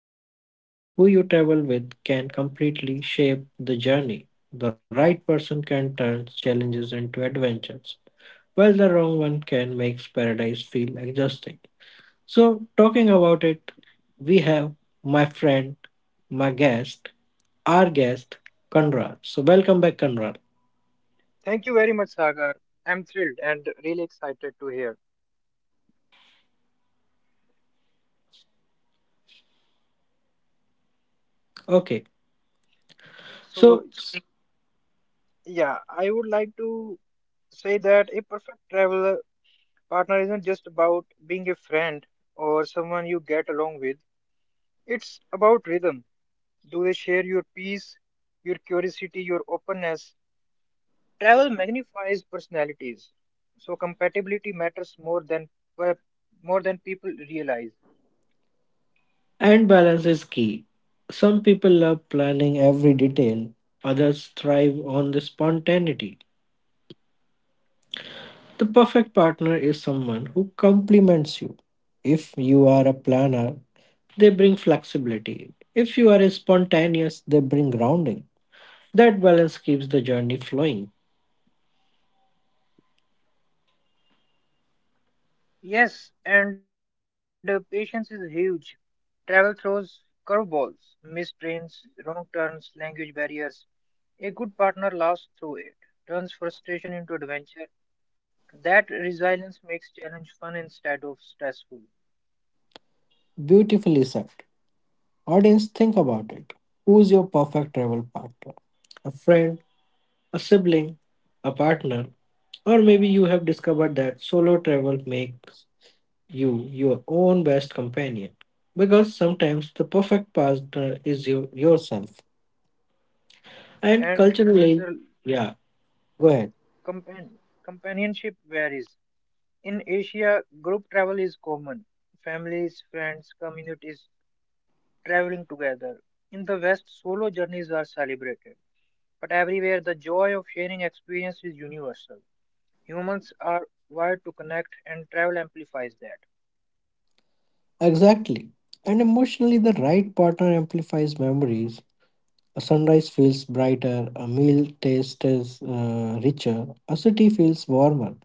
honest, who you travel with can completely shape the journey. The right person can turn challenges into adventures, while the wrong one can make paradise feel exhausting. So, talking about it, we have my friend, my guest, our guest Conrad. So welcome back, Conrad. Thank you very much, Sagar. I'm thrilled and really excited to hear. Okay. So, So yeah, I would like to say that a perfect travel partner isn't just about being a friend or someone you get along with. It's about rhythm. Do they share your peace, your curiosity, your openness? Travel magnifies personalities. So compatibility matters more than people realize. and balance is key. Some people love planning every detail, others thrive on the spontaneity. The perfect partner is someone who complements you. If you are a planner, they bring flexibility. If you are a spontaneous, they bring grounding. That balance keeps the journey flowing. Yes, and patience is huge. Travel throws curveballs, missed trains, wrong turns, language barriers. A good partner laughs through it, turns frustration into adventure. That resilience makes challenge fun instead of stressful. Beautifully said. Audience, think about it. Who's your perfect travel partner? A friend, a sibling, a partner, or maybe you have discovered that solo travel makes you your own best companion. Because sometimes the perfect partner is yourself. And And culturally, yeah, go ahead. compan- companionship varies. In Asia, group travel is common. Families, friends, communities traveling together. In the West, solo journeys are celebrated. But everywhere, the joy of sharing experience is universal. Humans are wired to connect, and travel amplifies that. Exactly. And emotionally, the right partner amplifies memories. A sunrise feels brighter, a meal tastes richer, a city feels warmer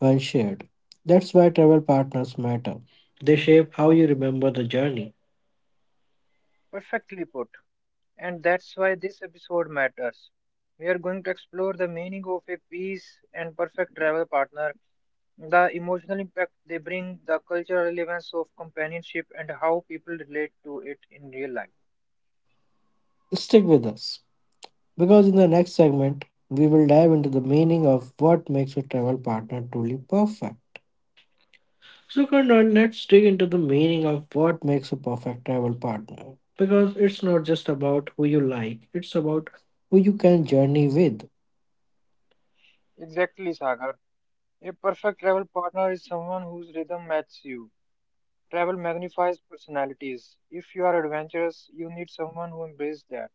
when shared. That's why travel partners matter. They shape how you remember the journey. Perfectly put. And that's why this episode matters. We are going to explore the meaning of a peace and perfect travel partner, the emotional impact they bring, the cultural relevance of companionship, and how people relate to it in real life. Stick with us, because in the next segment, we will dive into the meaning of what makes a travel partner truly perfect. So, Karnan, let's dig into the meaning of what makes a perfect travel partner. Because it's not just about who you like, it's about who you can journey with. Exactly, Sagar. A perfect travel partner is someone whose rhythm matches you. Travel magnifies personalities. If you are adventurous, you need someone who embraces that.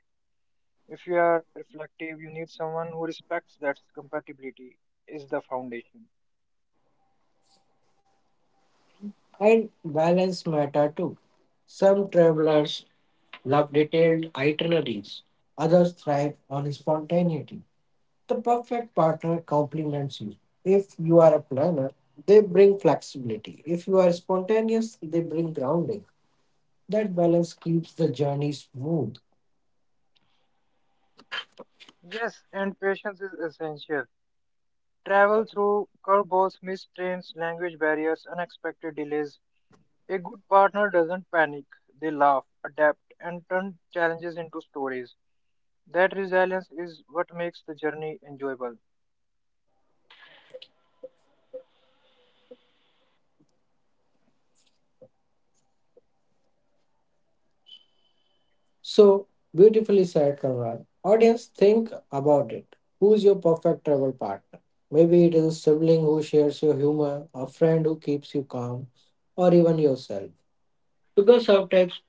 If you are reflective, you need someone who respects that compatibility is the foundation. And balance matter too. Some travelers love detailed itineraries, others thrive on spontaneity. The perfect partner complements you. If you are a planner, they bring flexibility. If you are spontaneous, they bring grounding. That balance keeps the journey smooth. Yes, and patience is essential. Travel through curveballs, missed trains, language barriers, unexpected delays. A good partner doesn't panic. They laugh, adapt, and turn challenges into stories. That resilience is what makes the journey enjoyable. So beautifully said, Conrad. Audience, think about it. Who's your perfect travel partner? Maybe it is a sibling who shares your humor, a friend who keeps you calm, or even yourself. Because sometimes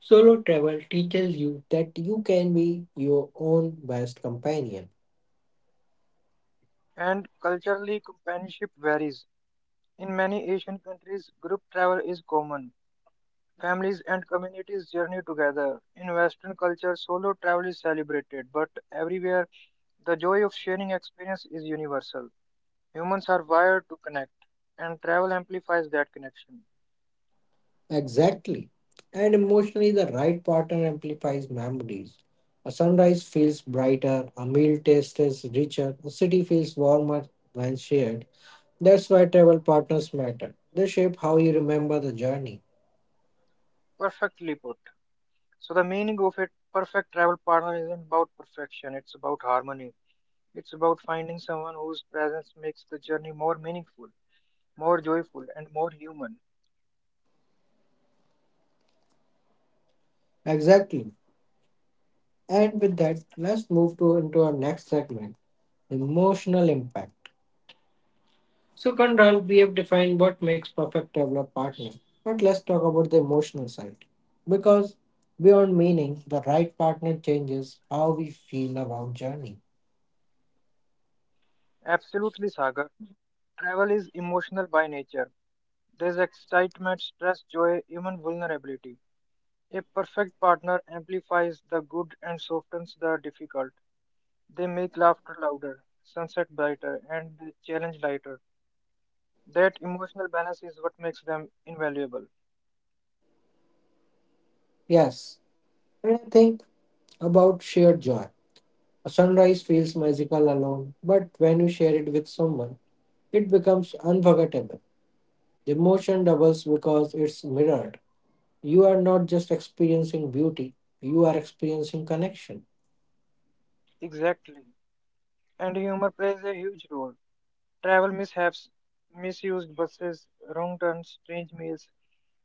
solo travel teaches you that you can be your own best companion. And culturally, companionship varies. In many Asian countries, group travel is common. Families and communities journey together. In Western culture, solo travel is celebrated, but everywhere, the joy of sharing experience is universal. Humans are wired to connect, and travel amplifies that connection. Exactly. And emotionally, the right partner amplifies memories. A sunrise feels brighter, a meal tastes richer, a city feels warmer when shared. That's why travel partners matter. They shape how you remember the journey. Perfectly put. So, the meaning of a perfect travel partner isn't about perfection, it's about harmony. It's about finding someone whose presence makes the journey more meaningful, more joyful, and more human. Exactly. And with that, let's move to into our next segment, emotional impact. So Kandral, we have defined what makes perfect traveler partner. But let's talk about the emotional side. Because beyond meaning, the right partner changes how we feel about journey. Absolutely, Sagar. Travel is emotional by nature. There's excitement, stress, joy, even vulnerability. A perfect partner amplifies the good and softens the difficult. They make laughter louder, sunset brighter, and the challenge lighter. That emotional balance is what makes them invaluable. Yes. And I think about shared joy. A sunrise feels magical alone, but when you share it with someone, it becomes unforgettable. The emotion doubles because it's mirrored. You are not just experiencing beauty, you are experiencing connection. Exactly. And humor plays a huge role. Travel mishaps, misused buses, wrong turns, strange meals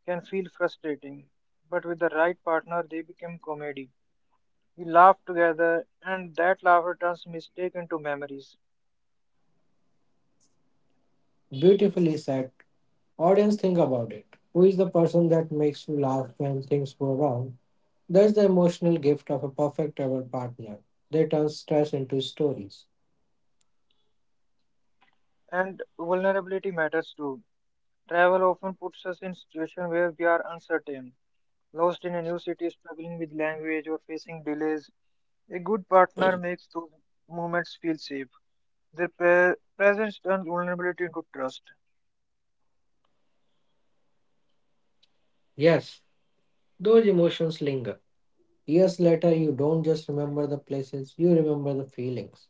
can feel frustrating. But with the right partner, they become comedy. We laugh together, and that laughter turns mistake into memories. Beautifully said. Audience, think about it. Who is the person that makes you laugh when things go wrong? That's the emotional gift of a perfect ever partner. They turn stress into stories. And vulnerability matters too. Travel often puts us in situations where we are uncertain, lost in a new city, struggling with language, or facing delays. A good partner makes those moments feel safe. Their presence turns vulnerability into trust. Yes, those emotions linger. Years later, you don't just remember the places, you remember the feelings: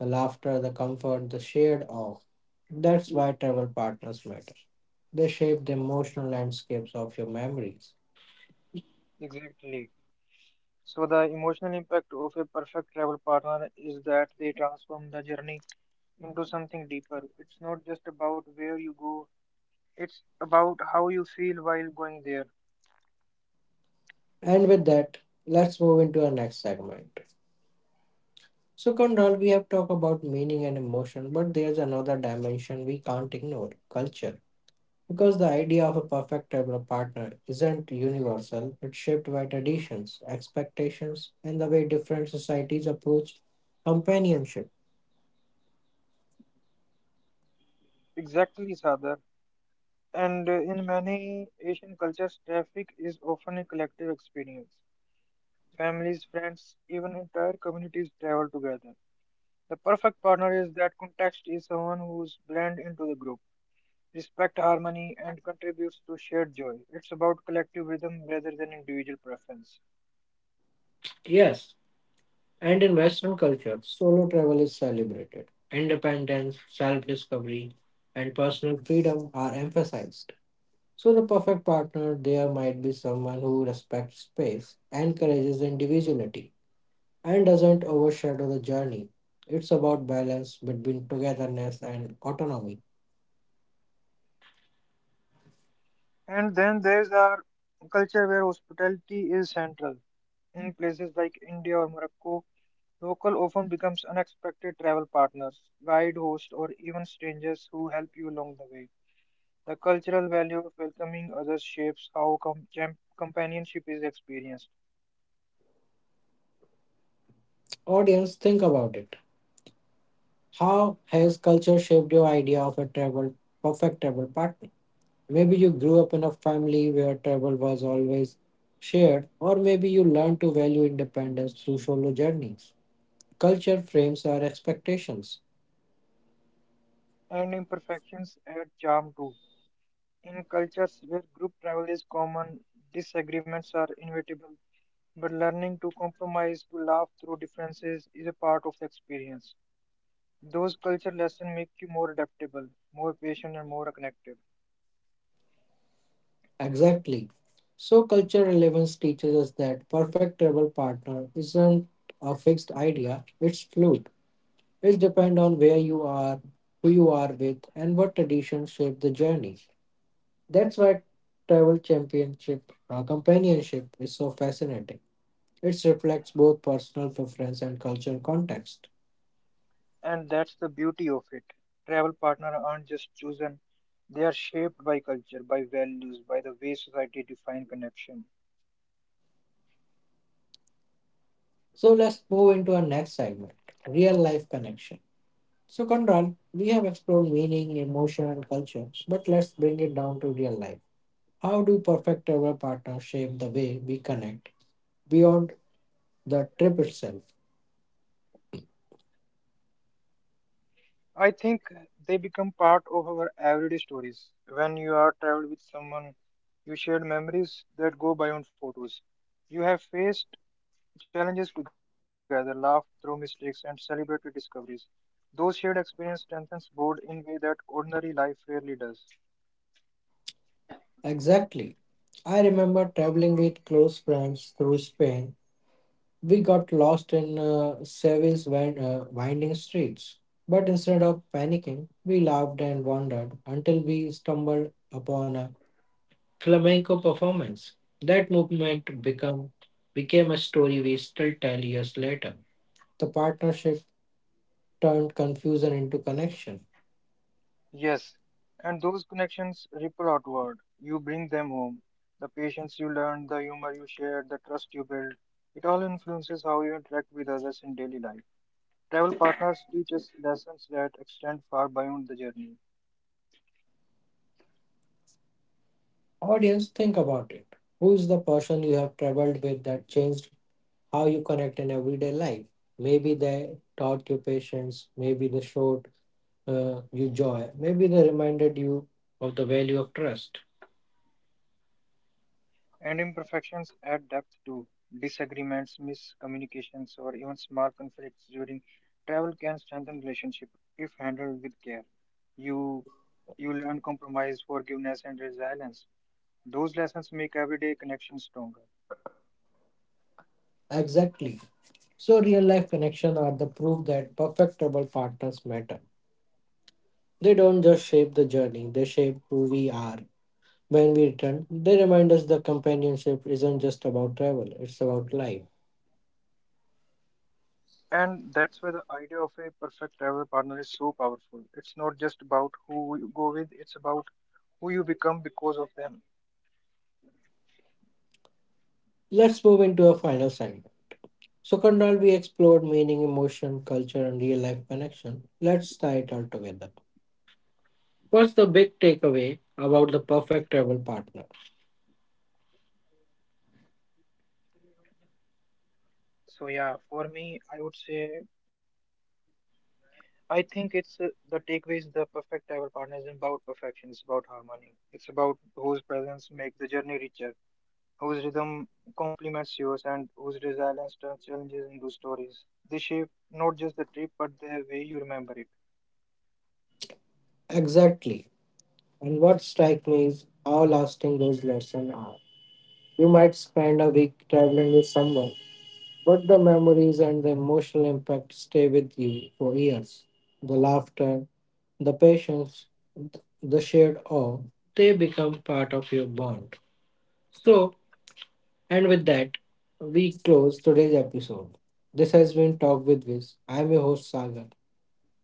the laughter, the comfort, the shared awe. That's why travel partners matter. They shape the emotional landscapes of your memories. Exactly. So, the emotional impact of a perfect travel partner is that they transform the journey into something deeper. It's not just about where you go. It's about how you feel while going there. And with that, let's move into our next segment. So, Conrad, we have talked about meaning and emotion, but there's another dimension we can't ignore: culture. Because the idea of a perfect travel partner isn't universal, it's shaped by traditions, expectations, and the way different societies approach companionship. Exactly, Sadar. And in many Asian cultures, traffic is often a collective experience. Families, friends, even entire communities travel together. The perfect partner is that context is someone who's blend into the group, respect harmony, and contributes to shared joy. It's about collective rhythm rather than individual preference. Yes. And in Western culture, solo travel is celebrated. Independence, self discovery, and personal freedom are emphasized. So, the perfect partner there might be someone who respects space, encourages individuality, and doesn't overshadow the journey. It's about balance between togetherness and autonomy. And then there's our culture where hospitality is central. In places like India or Morocco, local often becomes unexpected travel partners, guide, host, or even strangers who help you along the way. The cultural value of welcoming others shapes how companionship is experienced, Audience, think about it. How has culture shaped your idea of perfect travel partner? Maybe you grew up in a family where travel was always shared, or maybe you learned to value independence through solo journeys. Culture frames our expectations. and imperfections add charm too. In cultures where group travel is common, disagreements are inevitable, but learning to compromise, to laugh through differences, is a part of the experience. Those culture lessons make you more adaptable, more patient, and more connected. Exactly. So, culture relevance teaches us that perfect travel partner isn't a fixed idea, it's fluid. It depends on where you are, who you are with, and what traditions shape the journey. That's why travel championship, companionship is so fascinating. It reflects both personal preference and cultural context. And that's the beauty of it. Travel partners aren't just chosen, they are shaped by culture, by values, by the way society defines connection. So let's move into our next segment: real life connection. So, Control, we have explored meaning, emotion, and culture, but let's bring it down to real life. How do perfect ever partner shape the way we connect beyond the trip itself? I think they become part of our everyday stories. When you are traveled with someone, you shared memories that go beyond photos. You have faced challenges together, laughed through mistakes, and celebrated discoveries. Those shared experiences strengthens bond in way that ordinary life rarely does. Exactly. I remember traveling with close friends through Spain. We got lost in winding streets. But instead of panicking, we laughed and wondered until we stumbled upon a flamenco performance. That became a story we still tell years later. The partnership turned confusion into connection. Yes, and those connections ripple outward. You bring them home. The patience you learn, the humor you share, the trust you build, it all influences how you interact with others in daily life. Travel partners teach us lessons that extend far beyond the journey, Audience, think about it. Who is the person you have traveled with that changed how you connect in everyday life? Maybe they taught you patience, maybe they showed you joy. Maybe they reminded you of the value of trust. and imperfections add depth too. Disagreements, miscommunications, or even small conflicts during travel can strengthen relationship if handled with care. You you learn compromise, forgiveness, and resilience. Those lessons make everyday connections stronger. Exactly. So, real life connections are the proof that perfectible partners matter. They don't just shape the journey, they shape who we are. When we return, they remind us that companionship isn't just about travel, it's about life. And that's where the idea of a perfect travel partner is so powerful. It's not just about who you go with, it's about who you become because of them. Let's move into a final segment. So, Kandal, we explored meaning, emotion, culture, and real life connection. Let's tie it all together. What's the big takeaway about the perfect travel partner? So, yeah, for me, I would say I think it's The takeaway is the perfect travel partner is not about perfection, it's about harmony, it's about whose presence make the journey richer, whose rhythm complements yours, and whose resilience turns challenges into stories. They shape not just the trip but the way you remember it. Exactly. And what strikes me is how lasting those lessons are. You might spend a week traveling with someone, but the memories and the emotional impact stay with you for years. The laughter, the patience, the shared awe, they become part of your bond. So, and with that, we close today's episode. This has been Talk with Viz. I'm your host, Sagar.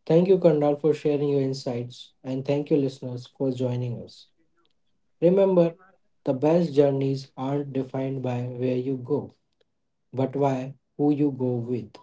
Thank you, Kandal, for sharing your insights, and thank you, listeners, for joining us. Remember, the best journeys aren't defined by where you go, but by who you go with.